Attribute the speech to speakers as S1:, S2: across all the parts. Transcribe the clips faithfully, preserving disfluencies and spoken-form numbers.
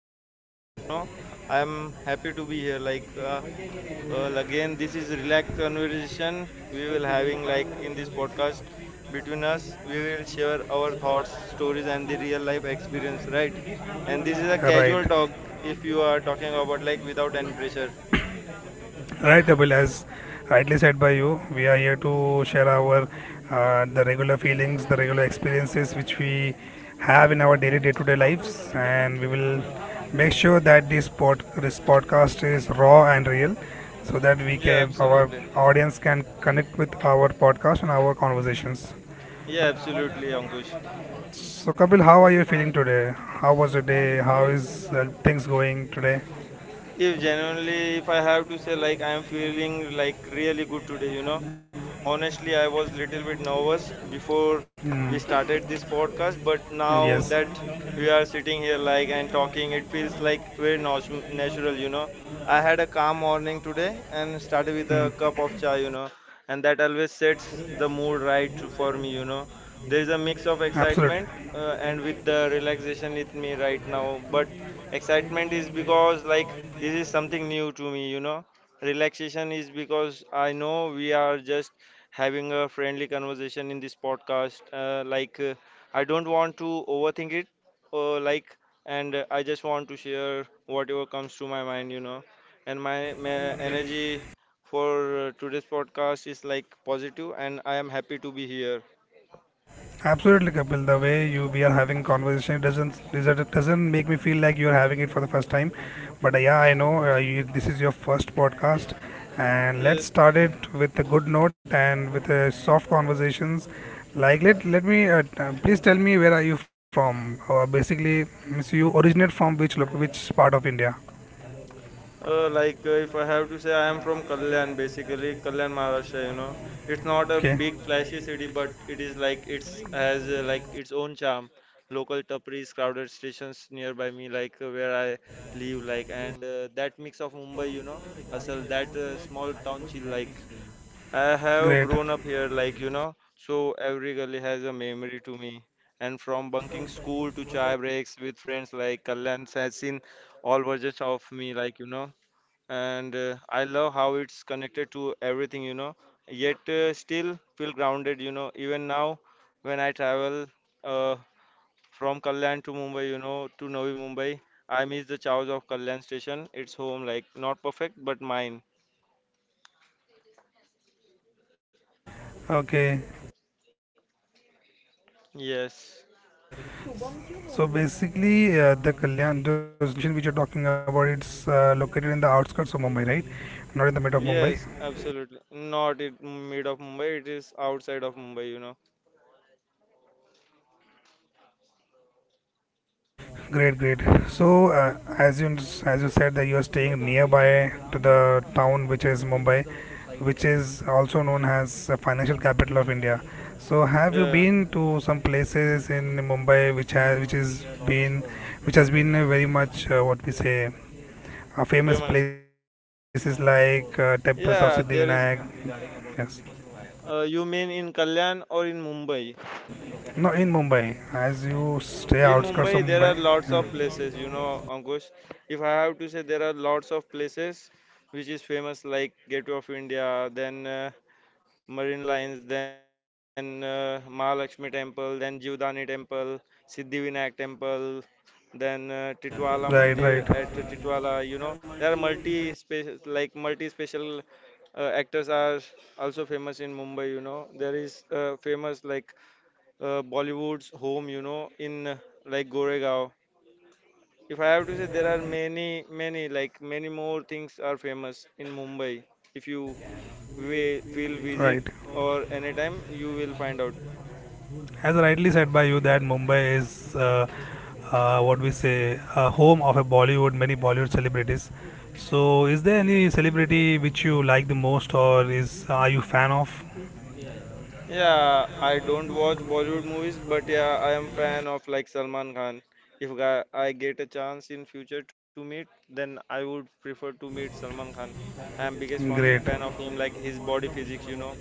S1: today's podcast. You know, I am happy to be here. Like, uh, uh, again, this is relaxed conversation we will having like in this podcast between us. We will share our thoughts, stories, and the real life experience, right? And this is a
S2: Right.
S1: casual talk if you are talking about like without any pressure.
S2: Right, Couple. As rightly said by you, we are here to share our uh, the regular feelings, the regular experiences which we have in our daily day to day lives, and we will make sure that this, pod- this podcast is raw and real so that we
S1: Yeah,
S2: can our
S1: absolutely.
S2: audience can connect with our podcast and our conversations.
S1: Yeah, absolutely, Ankush.
S2: So Kapil, how are you feeling today? How was your day? How is uh, things going today?
S1: If genuinely, if I have to say, like, I am feeling like really good today, you know. Honestly, I was little bit nervous before we
S2: Mm,
S1: started this podcast, but now
S2: yes,
S1: that we are sitting here, like, and talking, it feels like very natu- natural, you know. I had a calm morning today and started with a cup of chai, you know, and that always sets the mood right to- for me, you know. There is a mix of
S2: absolutely,
S1: excitement uh, and with the relaxation with me right now, but excitement is because like this is something new to me, you know. Relaxation is because I know we are just having a friendly conversation in this podcast. Uh, like, uh, I don't want to overthink it, uh, like, and uh, I just want to share whatever comes to my mind, you know. And my, my energy for uh, today's podcast is like positive, and I am happy to be here.
S2: absolutely, Kapil. The way you we are having conversation, it doesn't it doesn't make me feel like you are having it for the first time. But uh, yeah, I know, uh, you, this is your first podcast, and let's
S1: Yes.
S2: start it with a good note and with a soft conversations. Like, let let me uh, t- uh, please tell me, where are you from? Uh, basically, means you originate from which lo- which part of India?
S1: Uh, like uh, if I have to say, I am from Kalyan, basically Kalyan, Maharashtra. You know, it's not a
S2: Okay,
S1: big flashy city, but it is like it's has uh, like its own charm. Local tapris, crowded stations nearby me, like uh, where I live, like and uh, that mix of Mumbai, you know, hustle, that uh, small town chill. Like I have
S2: great.
S1: grown up here, like you know, so every gully has a memory to me. And from bunking school to chai breaks with friends, like Kalyan has seen all versions of me, like you know and uh, I love how it's connected to everything, you know, yet uh, still feel grounded, you know, even now when I travel uh, from Kalyan to Mumbai, you know, to Navi Mumbai, I miss the chows of Kalyan station. It's home, like not perfect, but mine.
S2: Okay,
S1: Yes.
S2: so basically, uh, the Kalyan, those location which you're talking about, it's uh, located in the outskirts of Mumbai, right? Not in the mid of
S1: Yes,
S2: Mumbai.
S1: absolutely. Not in mid of Mumbai, it is outside of Mumbai, you know.
S2: Great, great. So, uh, as you as you said that you are staying nearby to the town which is Mumbai, which is also known as the financial capital of India. So, have you
S1: Yeah,
S2: been to some places in Mumbai which has which is been which has been uh, very much, uh, what we say, uh, famous
S1: famous.
S2: places like uh, temples of
S1: Yeah, there is.
S2: Siddhivinayak? Yes.
S1: Uh, you mean in Kalyan or in Mumbai?
S2: No, in Mumbai. As you
S1: In
S2: stay
S1: Mumbai,
S2: outskirts
S1: there
S2: of
S1: are
S2: Mumbai.
S1: lots of
S2: Yeah.
S1: places, you know, Ankush. If I have to say, there are lots of places which is famous, like Gateway of India, then uh, Marine Lines, then uh, Mahalakshmi Temple, then Jivdani Temple, Siddhivinayak Temple, then uh, Titwala Mandir
S2: Right,
S1: at
S2: right,
S1: Titwala. You know, there are multi space like multi special uh, actors are also famous in Mumbai. You know, there is uh, famous like uh, Bollywood's home, you know, in uh, like Goregaon. If I have to say, there are many, many, like many more things are famous in Mumbai. If you wi- will visit
S2: right.
S1: or anytime, you will find out.
S2: As rightly said by you, that Mumbai is, uh, uh, what we say, a home of a Bollywood, many Bollywood celebrities. So, is there any celebrity which you like the most, or is are you fan of?
S1: Yeah, I don't watch Bollywood movies, but yeah, I am fan of like Salman Khan. If ga- I get a chance in future to meet, then I would prefer to meet Salman Khan. I am biggest fan fan
S2: Great,
S1: of him, like his body physics, you know.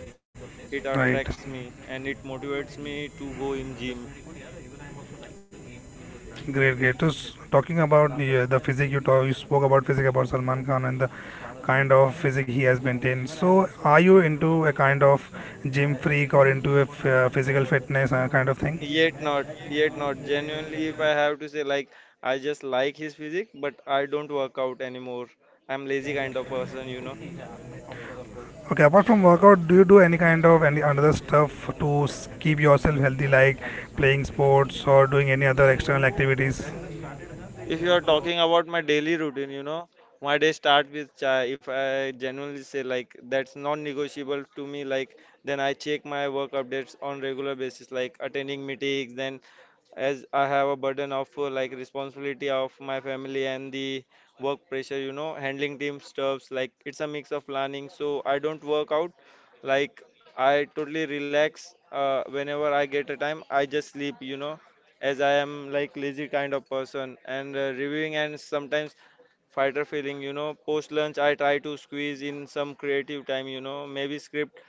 S1: It
S2: right.
S1: attracts me and it motivates me to go in gym.
S2: Great, great. So, talking about the, uh, the physique, you talk, you spoke about physique about Salman Khan and the kind of physique he has maintained. So, are you into a kind of gym freak or into a f- uh, physical fitness uh, kind of thing?
S1: Yet not, yet not. Genuinely, if I have to say, like, I just like his physique, but I don't work out anymore. I'm lazy kind of person, you know.
S2: Okay, apart from workout, do you do any kind of any other stuff to s- keep yourself healthy, like playing sports or doing any other external activities?
S1: If you are talking about my daily routine, you know, my day start with chai. If I genuinely say like that's non-negotiable to me, like then I check my work updates on regular basis, like attending meetings. Then as I have a burden of uh, like responsibility of my family and the work pressure, you know, handling team stuffs. Like it's a mix of planning, so I don't work out. Like I totally relax uh, whenever I get a time. I just sleep, you know as I am like lazy kind of person and uh, reviewing and sometimes fighter feeling, you know, post lunch I try to squeeze in some creative time, you know, maybe script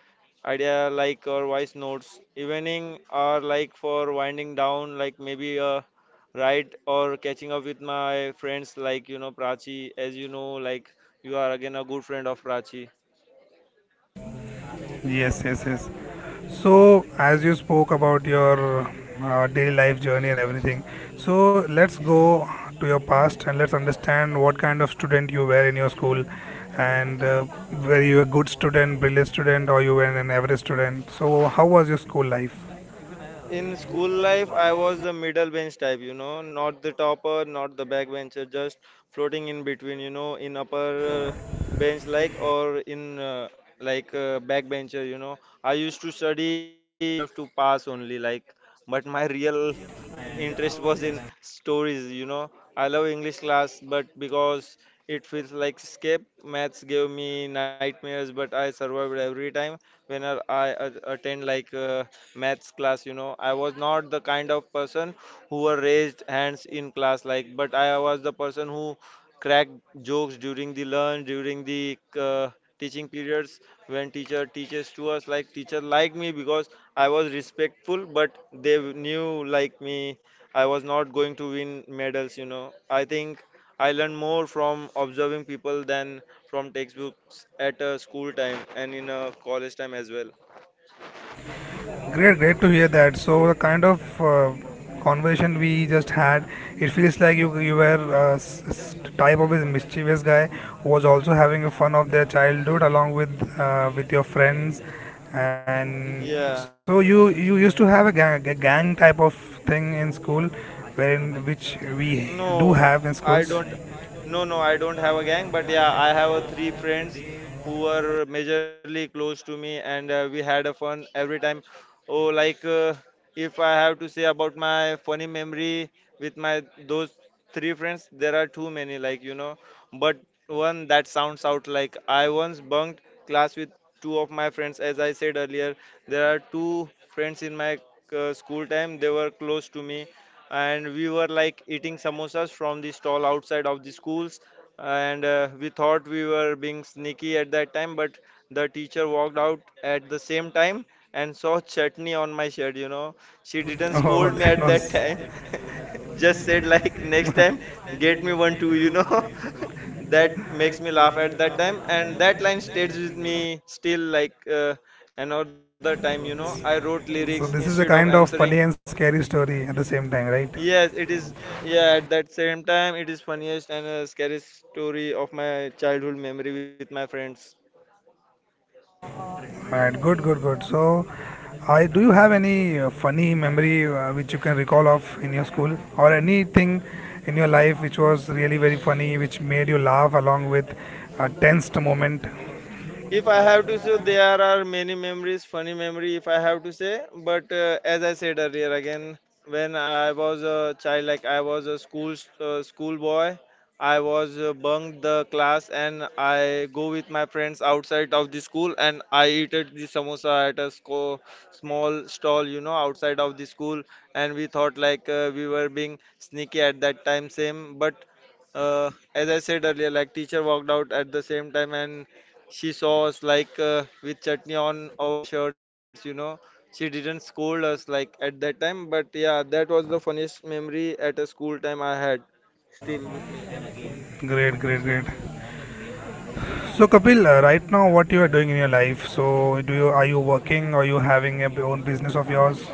S1: idea like or voice notes. Evening or like for winding down, like maybe a ride or catching up with my friends like you know Prachi, as you know, like you are again a good friend of Prachi.
S2: Yes, yes, yes. So, as you spoke about your uh, daily life journey and everything, so let's go to your past and let's understand what kind of student you were in your school, and uh, were you a good student, brilliant student, or you were an average student. So, how was your school life?
S1: In school life, I was the middle bench type, you know, not the topper, not the backbencher, just floating in between, you know, in upper uh, bench like or in uh, like uh, backbencher, you know. I used to study just enough to pass only, like, but my real interest was in stories you know. I love english class but because it feels like escape. Maths gave me nightmares but I survived every time whenever I a- attend like uh, maths class you know. I was not the kind of person who were raised hands in class like but I was the person who cracked jokes during the lunch during the uh, teaching periods when teacher teaches to us like teacher liked me because I was respectful, but they knew like me I was not going to win medals, you know. I think I learned more from observing people than from textbooks at a school time and in a college time as well.
S2: Great, great to hear that. So the kind of uh, conversation we just had, it feels like you you were uh, s- s- type of a mischievous guy who was also having a fun of their childhood along with uh, with your friends, and
S1: Yeah.
S2: so you you used to have a gang, a gang, type of thing in school, wherein which we
S1: No,
S2: do have in
S1: I don't.
S2: schools.
S1: No, no, I don't have a gang, but yeah, I have a three friends who were majorly close to me, and uh, we had a fun every time. Oh, like uh, if I have to say about my funny memory with my those three friends, there are too many, like you know. But one that sounds out like I once bunked class with two of my friends, as I said earlier. There are two friends in my uh, school time. They were close to me and we were like eating samosas from the stall outside of the schools and uh, we thought we were being sneaky at that time but the teacher walked out at the same time and saw chutney on my shirt you know. She didn't scold me
S2: Oh,
S1: at
S2: that
S1: that
S2: was so.
S1: time. Just said like next time get me one too you know. That makes me laugh at that time and that line stays with me still like uh, another time you know I wrote lyrics
S2: This
S1: instead
S2: is a
S1: of
S2: kind of
S1: answering.
S2: funny and scary story at the same time, right?
S1: Yes, it is. Yeah, at that same time, it is funniest and uh, scariest story of my childhood memory with my friends.
S2: Right, good, good, good. So, I do you have any uh, funny memory uh, which you can recall of in your school, or anything in your life which was really very funny, which made you laugh along with a tensed moment?
S1: If I have to say, there are many memories, funny memory, if I have to say. But uh, as I said earlier, again, when I was a child, like I was a school uh, school boy, I was uh, bunked the class and I go with my friends outside of the school and I eat at the samosa at a sco- small stall, you know, outside of the school. And we thought like uh, we were being sneaky at that time, same. But uh, as I said earlier, like teacher walked out at the same time and she saw us like uh, with chutney on our shirts, you know. She didn't scold us like at that time, but yeah, that was the funniest memory at a school time I had still with me.
S2: Great, great, great. So, Kapil, uh, right now what you are doing in your life? So, do you are you working or you having a b- own business of yours?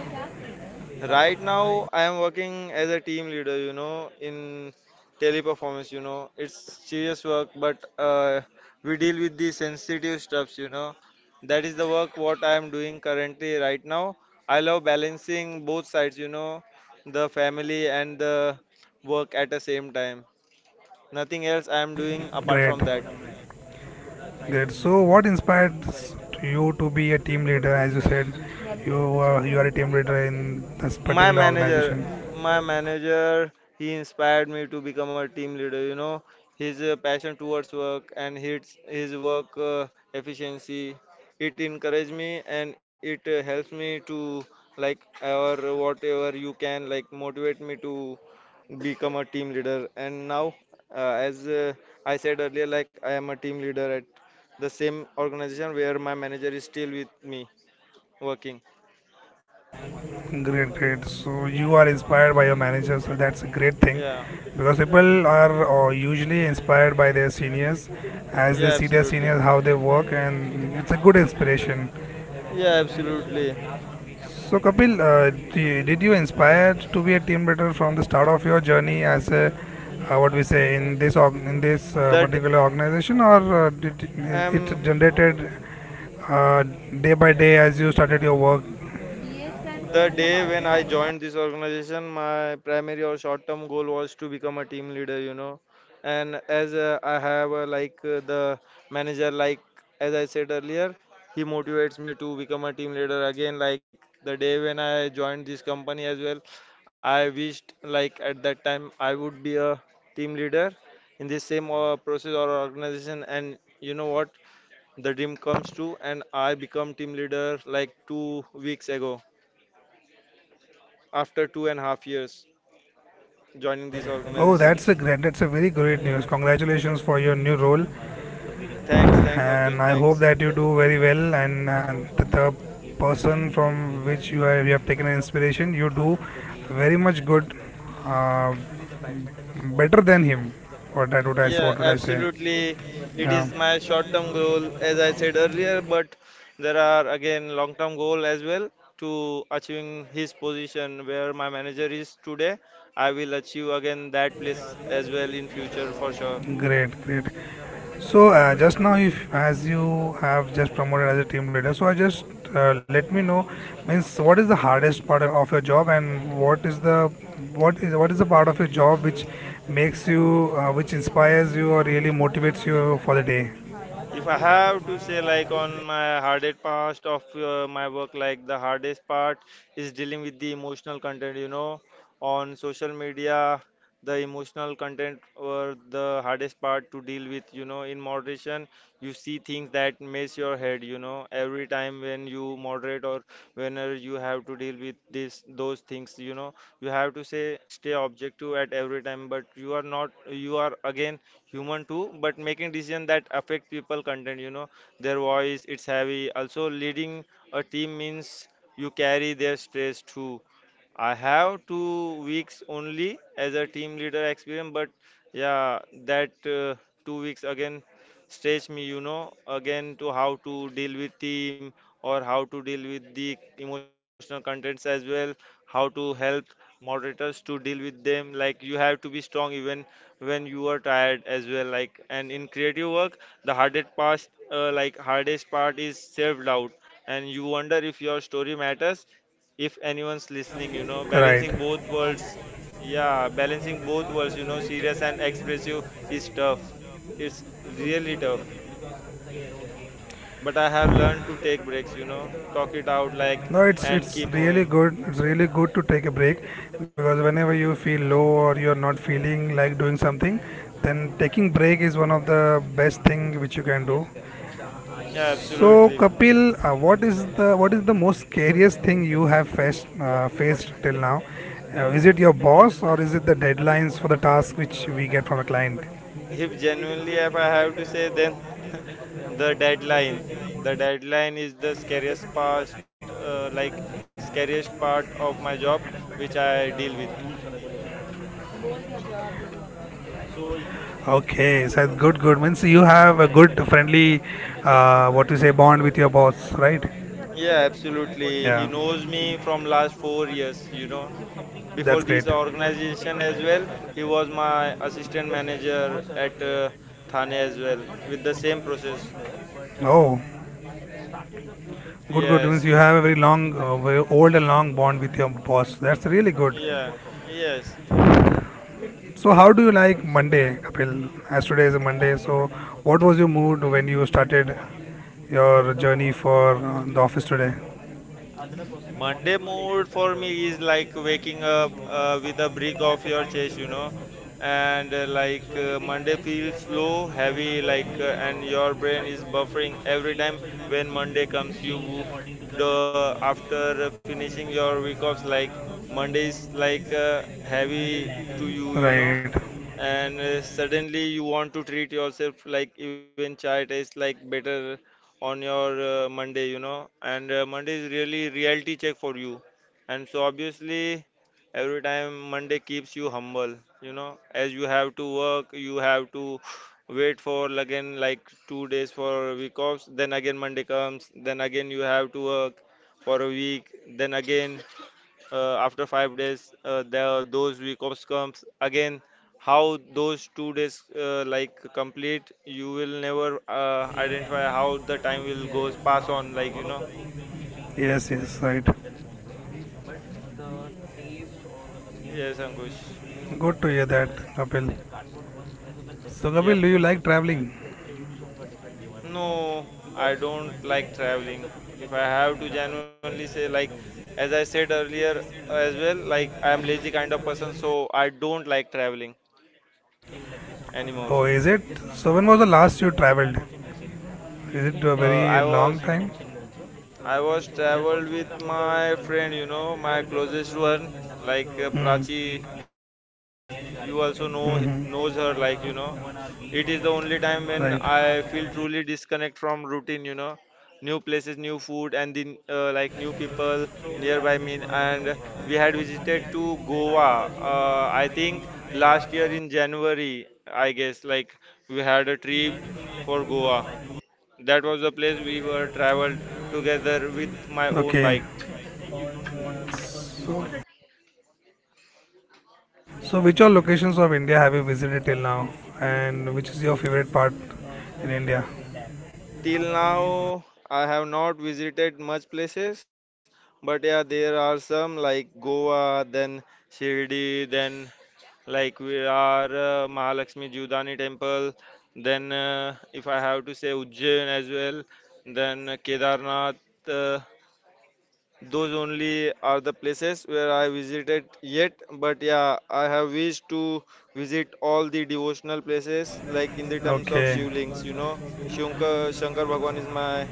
S1: Right now, I am working as a team leader, you know, in teleperformance, you know. It's serious work, but uh, we deal with the sensitive stuffs, you know. That is the work what I am doing currently right now. I love balancing both sides, you know, the family and the work at the same time. Nothing else I am doing apart
S2: Great,
S1: from that.
S2: great. So, what inspired s- to you to be a team leader? As you said, you uh, you are a team leader in this
S1: my
S2: particular
S1: manager
S2: organization.
S1: my manager he inspired me to become a team leader you know. His uh, passion towards work and his his work uh, efficiency it encouraged me and it uh, helps me to like or whatever you can like motivate me to become a team leader and now uh, as uh, I said earlier like I am a team leader at the same organization where my manager is still with me working.
S2: Great, great. So you are inspired by your manager, so that's a great thing
S1: Yeah.
S2: because people are uh, usually inspired by their seniors as they
S1: Yeah,
S2: see their
S1: absolutely.
S2: seniors how they work, and it's a good inspiration.
S1: Yeah, absolutely.
S2: So, Kapil, uh, d- did you inspire to be a team leader from the start of your journey as a, uh, what we say, in this org- in this uh,
S1: That
S2: particular organization, or uh, did it
S1: um,
S2: generated uh, day by day as you started your work?
S1: the day when I joined this organization, my primary or short-term goal was to become a team leader, you know. And as uh, I have uh, like uh, the manager, like as I said earlier, he motivates me to become a team leader again. Like the day when I joined this company as well, I wished like at that time I would be a team leader in this same uh, process or organization. And you know what? The dream comes true, and I become team leader like two weeks ago after two and a half years joining this
S2: Oh,
S1: organization.
S2: that's a great, that's a very great news. Congratulations for your new role,
S1: Thanks, thanks, Ankush,
S2: and I hope
S1: thanks.
S2: that you do very well. And, and the, the person from which you have, you have taken an inspiration, you do very much good, uh, better than him. What I would I s-
S1: Yeah,
S2: what would I say?
S1: absolutely. It
S2: Yeah,
S1: is my short-term goal, as I said earlier, but there are again long-term goal as well to achieving his position where my manager is today. I will achieve again that place as well in future for sure.
S2: great, great. So, uh, just now, if as you have just promoted as a team leader, so I just uh, let me know, means what is the hardest part of your job and what is the what is what is the part of your job which makes you, uh, which inspires you or really motivates you for the day.
S1: If I have to say, like, on my hardest part of uh, my work, like, the hardest part is dealing with the emotional content, you know, on social media, the emotional content were the hardest part to deal with, you know, in moderation. You see things that mess your head, you know, every time when you moderate or whenever you have to deal with this, those things, you know, you have to say, stay objective at every time, but you are not, you are again human too, but making decision that affect people content, you know, their voice, it's heavy. Also leading a team means you carry their stress too. I have two weeks only as a team leader experience, but yeah, that, uh, two weeks again stretch me, you know, again to how to deal with team or how to deal with the emotional contents as well, how to help moderators to deal with them, like you have to be strong even when you are tired as well, like. And in creative work the hardest part, uh, like hardest part is self doubt, and you wonder if your story matters, if anyone's listening, you know.
S2: Right.
S1: Balancing both worlds, yeah, balancing both worlds, you know, serious and expressive is tough. It's really tough, but I have learned to take breaks, you know, talk it out, like,
S2: No, it's
S1: and
S2: it's
S1: keep
S2: really
S1: moving.
S2: good. It's really good to take a break because whenever you feel low or you're not feeling like doing something, then taking break is one of the best thing which you can do.
S1: Yeah,
S2: So
S1: absolutely.
S2: Kapil, uh, what is the, what is the most scariest thing you have faced uh, faced till now? Uh, is it your boss or is it the deadlines for the task which we get from a client?
S1: If genuinely, if I have to say, then the deadline. The deadline is the scariest part, uh, like scariest part of my job, which I deal with.
S2: Okay, so that's good, good. Means you have a good friendly, uh, what you say, bond with your boss, right?
S1: Yeah, absolutely. He
S2: Yeah,
S1: knows me from last four years. You know, before
S2: that's great.
S1: this organization as well, he was my assistant manager at uh, Thane as well, with the same process.
S2: Oh, good, good. Means
S1: Yes.
S2: you have a very long, uh, very old and long bond with your boss. That's really good.
S1: Yeah. Yes.
S2: So, how do you like Monday, Kapil? As today is a Monday, so what was your mood when you started your journey for uh, the office today?
S1: Monday mood for me is like waking up uh, with a brick off your chest, you know, and uh, like uh, Monday feels slow, heavy, like, uh, and your brain is buffering every time when Monday comes. You the after finishing your week offs, like Monday is like uh, heavy to you, you
S2: Right.
S1: know, and uh, suddenly you want to treat yourself like even chai tastes like better on your uh, Monday, you know. And uh, Monday is really reality check for you, and so obviously every time Monday keeps you humble, you know, as you have to work, you have to wait for again like two days for week offs, then again Monday comes, then again you have to work for a week, then again, uh, after five days, uh, the, those week offs comes again. How those two days, uh, like complete you will never uh, identify how the time will goes pass on, like, you know.
S2: Yes, yes, right.
S1: Yes, Ankush.
S2: Good to hear that, Kapil. So, Kapil, do
S1: Yep.
S2: you like traveling?
S1: No, I don't like traveling. If I have to genuinely say, like, as I said earlier as well, like I am lazy kind of person, so I don't like traveling anymore.
S2: Oh, is it? So, when was the last you traveled? Is it a
S1: uh, i
S2: very
S1: was
S2: long time?
S1: I was traveled with my friend, you know, my closest one, like uh,
S2: Hmm.
S1: Prachi. You also know knows
S2: Mm-hmm.
S1: her, like, you know. It is the only time when
S2: Right.
S1: I feel truly disconnect from routine, you know, new places, new food, and then uh, like new people nearby me. And we had visited to Goa. Uh, I think last year in January, I guess. Like we had a trip for Goa. That was the place we were traveled together with my own
S2: Okay.
S1: bike.
S2: So, so which all locations of India have you visited till now, and which is your favorite part in India?
S1: Till now, I have not visited much places, but yeah, there are some like Goa, then Shirdi, then like we are uh, Mahalakshmi Judani temple. Then, uh, if I have to say Ujjain as well, then Kedarnath. uh, Those only are the places where I visited yet, but yeah, I have wished to visit all the devotional places, like in the terms of
S2: Okay.
S1: Shivlings, you know. Shankar, Shankar Bhagwan is my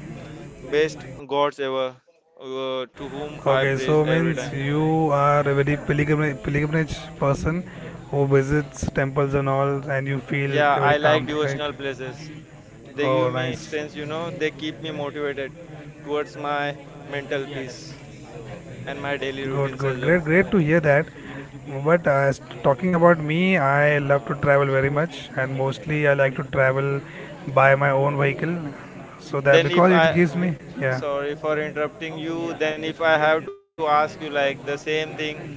S1: best gods ever, uh, to whom I
S2: Okay,
S1: praise
S2: so
S1: every
S2: means
S1: time.
S2: you are a very pilgrimage, pilgrimage person who visits temples and all, and you feel
S1: Yeah,
S2: very
S1: I
S2: calm,
S1: like
S2: thing, right?
S1: devotional places. They
S2: Oh,
S1: give me
S2: nice.
S1: strength, you know, they keep me motivated towards my mental peace and my daily
S2: Good,
S1: routines
S2: good,
S1: as
S2: great,
S1: well.
S2: great to hear that. But uh, as- talking about me, I love to travel very much, and mostly I like to travel by my own vehicle. So that
S1: Then
S2: because
S1: if
S2: it
S1: I
S2: gives me, yeah.
S1: Sorry for interrupting you. Then if I have to ask you like the same thing,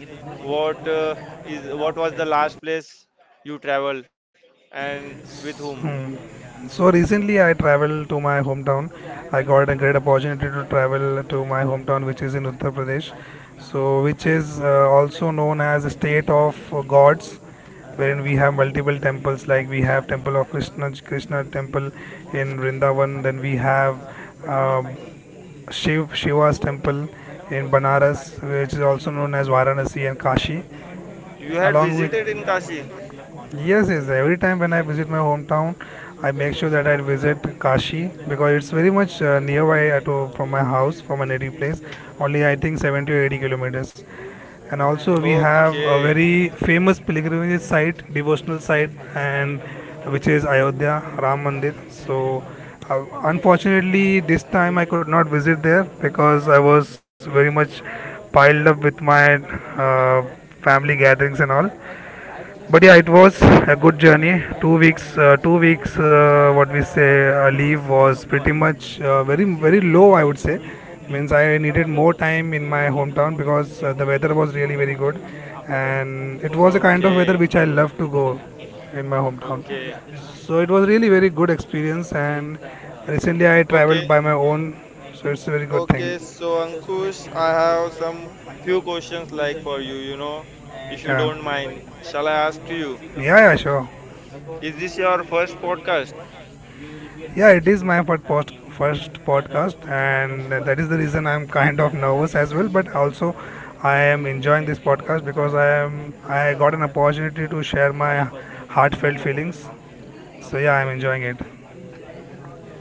S1: what, uh, is what was the last place you traveled and with whom?
S2: Hmm. So recently I traveled to my hometown. I got a great opportunity to travel to my hometown, which is in Uttar Pradesh. So, which is uh, also known as a state of gods, wherein we have multiple temples. Like, we have temple of Krishna, Krishna temple in Vrindavan. Then we have um, Shiv Shiva's temple in Banaras, which is also known as Varanasi and Kashi,
S1: You had
S2: along with.
S1: visited in Kashi?
S2: Yes, yes. Every time when I visit my hometown, I make sure that I visit Kashi because it's very much uh, nearby at, uh, to, from my house, from my native place. Only I think seventy or eighty kilometers. And also we have a
S1: Okay,
S2: very famous pilgrimage site, devotional site, and which is Ayodhya Ram Mandir. So, uh, unfortunately, this time I could not visit there because I was very much piled up with my uh, family gatherings and all. But yeah, it was a good journey. Two weeks uh, two weeks uh, what we say, uh, leave was pretty much, uh, very very low I would say. Means I needed more time in my hometown because uh, the weather was really very good, and it was a kind of weather
S1: okay,
S2: which I love to go in my hometown.
S1: okay,
S2: So it was really very good experience, and recently I
S1: okay,
S2: traveled by my own. So it's a very good thing.
S1: okay. So Ankush, I have some few questions like for you, you know, if you
S2: Yeah,
S1: don't mind. Shall I ask to you?
S2: yeah, yeah, sure.
S1: Is this your first podcast?
S2: Yeah, it is my first post, first podcast, and that is the reason I'm kind of nervous as well. But also, I am enjoying this podcast because I am I got an opportunity to share my heartfelt feelings. So yeah, I'm enjoying it.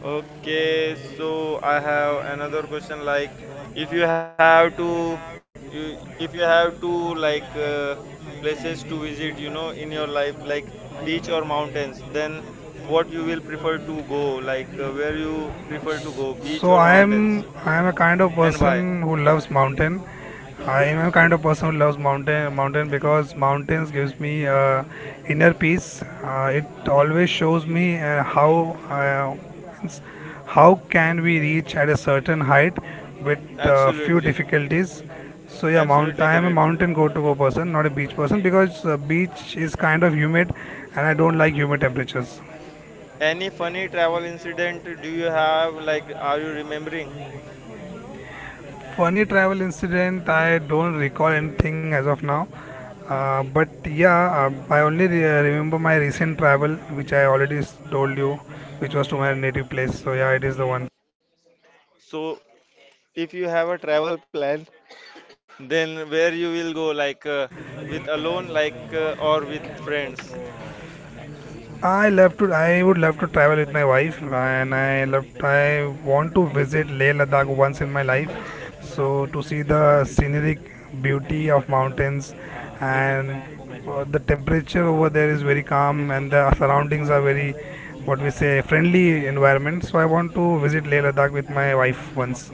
S1: Okay, so I have another question like if you have to you- if you have to, like, uh, places to visit, you know, in your life, like beach or mountains, then what you will prefer to go, like uh, where you prefer to go, beach
S2: So
S1: or
S2: I
S1: mountains,
S2: am I am a kind of
S1: and why?
S2: person who loves mountain. I am a kind of person who loves mountain mountain because mountains gives me uh, inner peace. Uh, it always shows me uh, how, uh, means, how can we reach at a certain height with uh, few
S1: Absolutely.
S2: difficulties. So yeah, mount.
S1: Absolutely
S2: I am a
S1: correct.
S2: mountain go-to person, not a beach person, because uh, beach is kind of humid, and I don't like humid temperatures.
S1: Any funny travel incident do you have like are you remembering?
S2: Funny travel incident, I don't recall anything as of now. Uh, but yeah, um, I only re- uh, remember my recent travel which I already s- told you, which was to my native place. So yeah, it is the one.
S1: So if you have a travel plan, then where you will go, like uh, with alone, like uh, or with friends.
S2: I love to. I would love to travel with my wife. And I love. I want to visit Leh Ladakh once in my life, so to see the scenic beauty of mountains, and uh, the temperature over there is very calm, and the surroundings are very, what we say, friendly environment. So I want to visit Leh Ladakh with my wife once.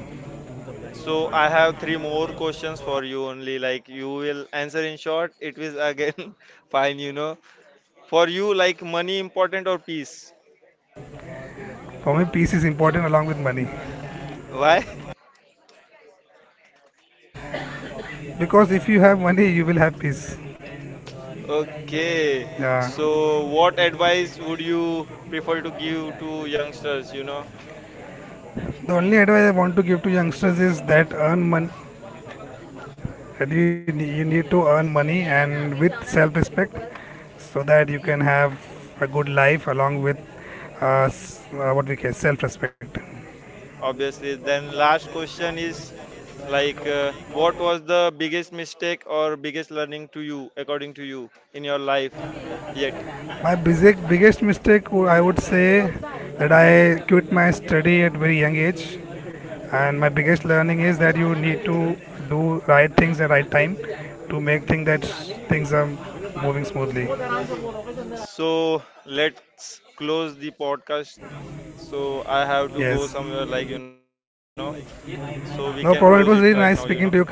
S1: So I have three more questions for you only like you will answer in short. It is again fine, you know. For you like money important or peace?
S2: For me, peace is important along with money,
S1: Why?
S2: because if you have money, you will have peace.
S1: Okay.
S2: Yeah.
S1: So what advice would you prefer to give to youngsters, you know?
S2: The only advice I want to give to youngsters is that earn money, that you you need to earn money and with self-respect so that you can have a good life along with, uh, s- uh, what we call, self-respect.
S1: Obviously, then last question is like, uh, what was the biggest mistake or biggest learning to you, according to you, in your life yet?
S2: My basic, biggest mistake, wo- I would say, that I quit my study at very young age, and my biggest learning is that you need to do right things at right time to make things, that s- things are moving smoothly.
S1: So let's close the podcast. So I have to go
S2: Yes,
S1: somewhere, like, you know, so we
S2: no
S1: can
S2: problem, it
S1: close
S2: was
S1: it
S2: really
S1: right
S2: nice
S1: now, you
S2: speaking
S1: know.
S2: to you, Ka- kapil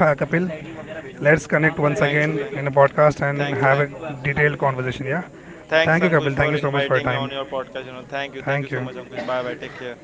S2: Let's connect once
S1: Thanks,
S2: again
S1: thanks,
S2: in a podcast and
S1: thanks,
S2: have
S1: thanks.
S2: a detailed conversation. Yeah.
S1: Thanks,
S2: Thank you,
S1: Ankush,
S2: Kapil. Thank
S1: for
S2: you so much for
S1: inviting
S2: your
S1: me on
S2: time.
S1: your podcast. You know, thank you, thank you
S2: Thank
S1: so much,
S2: you.
S1: Ankush. Bye bye, take care.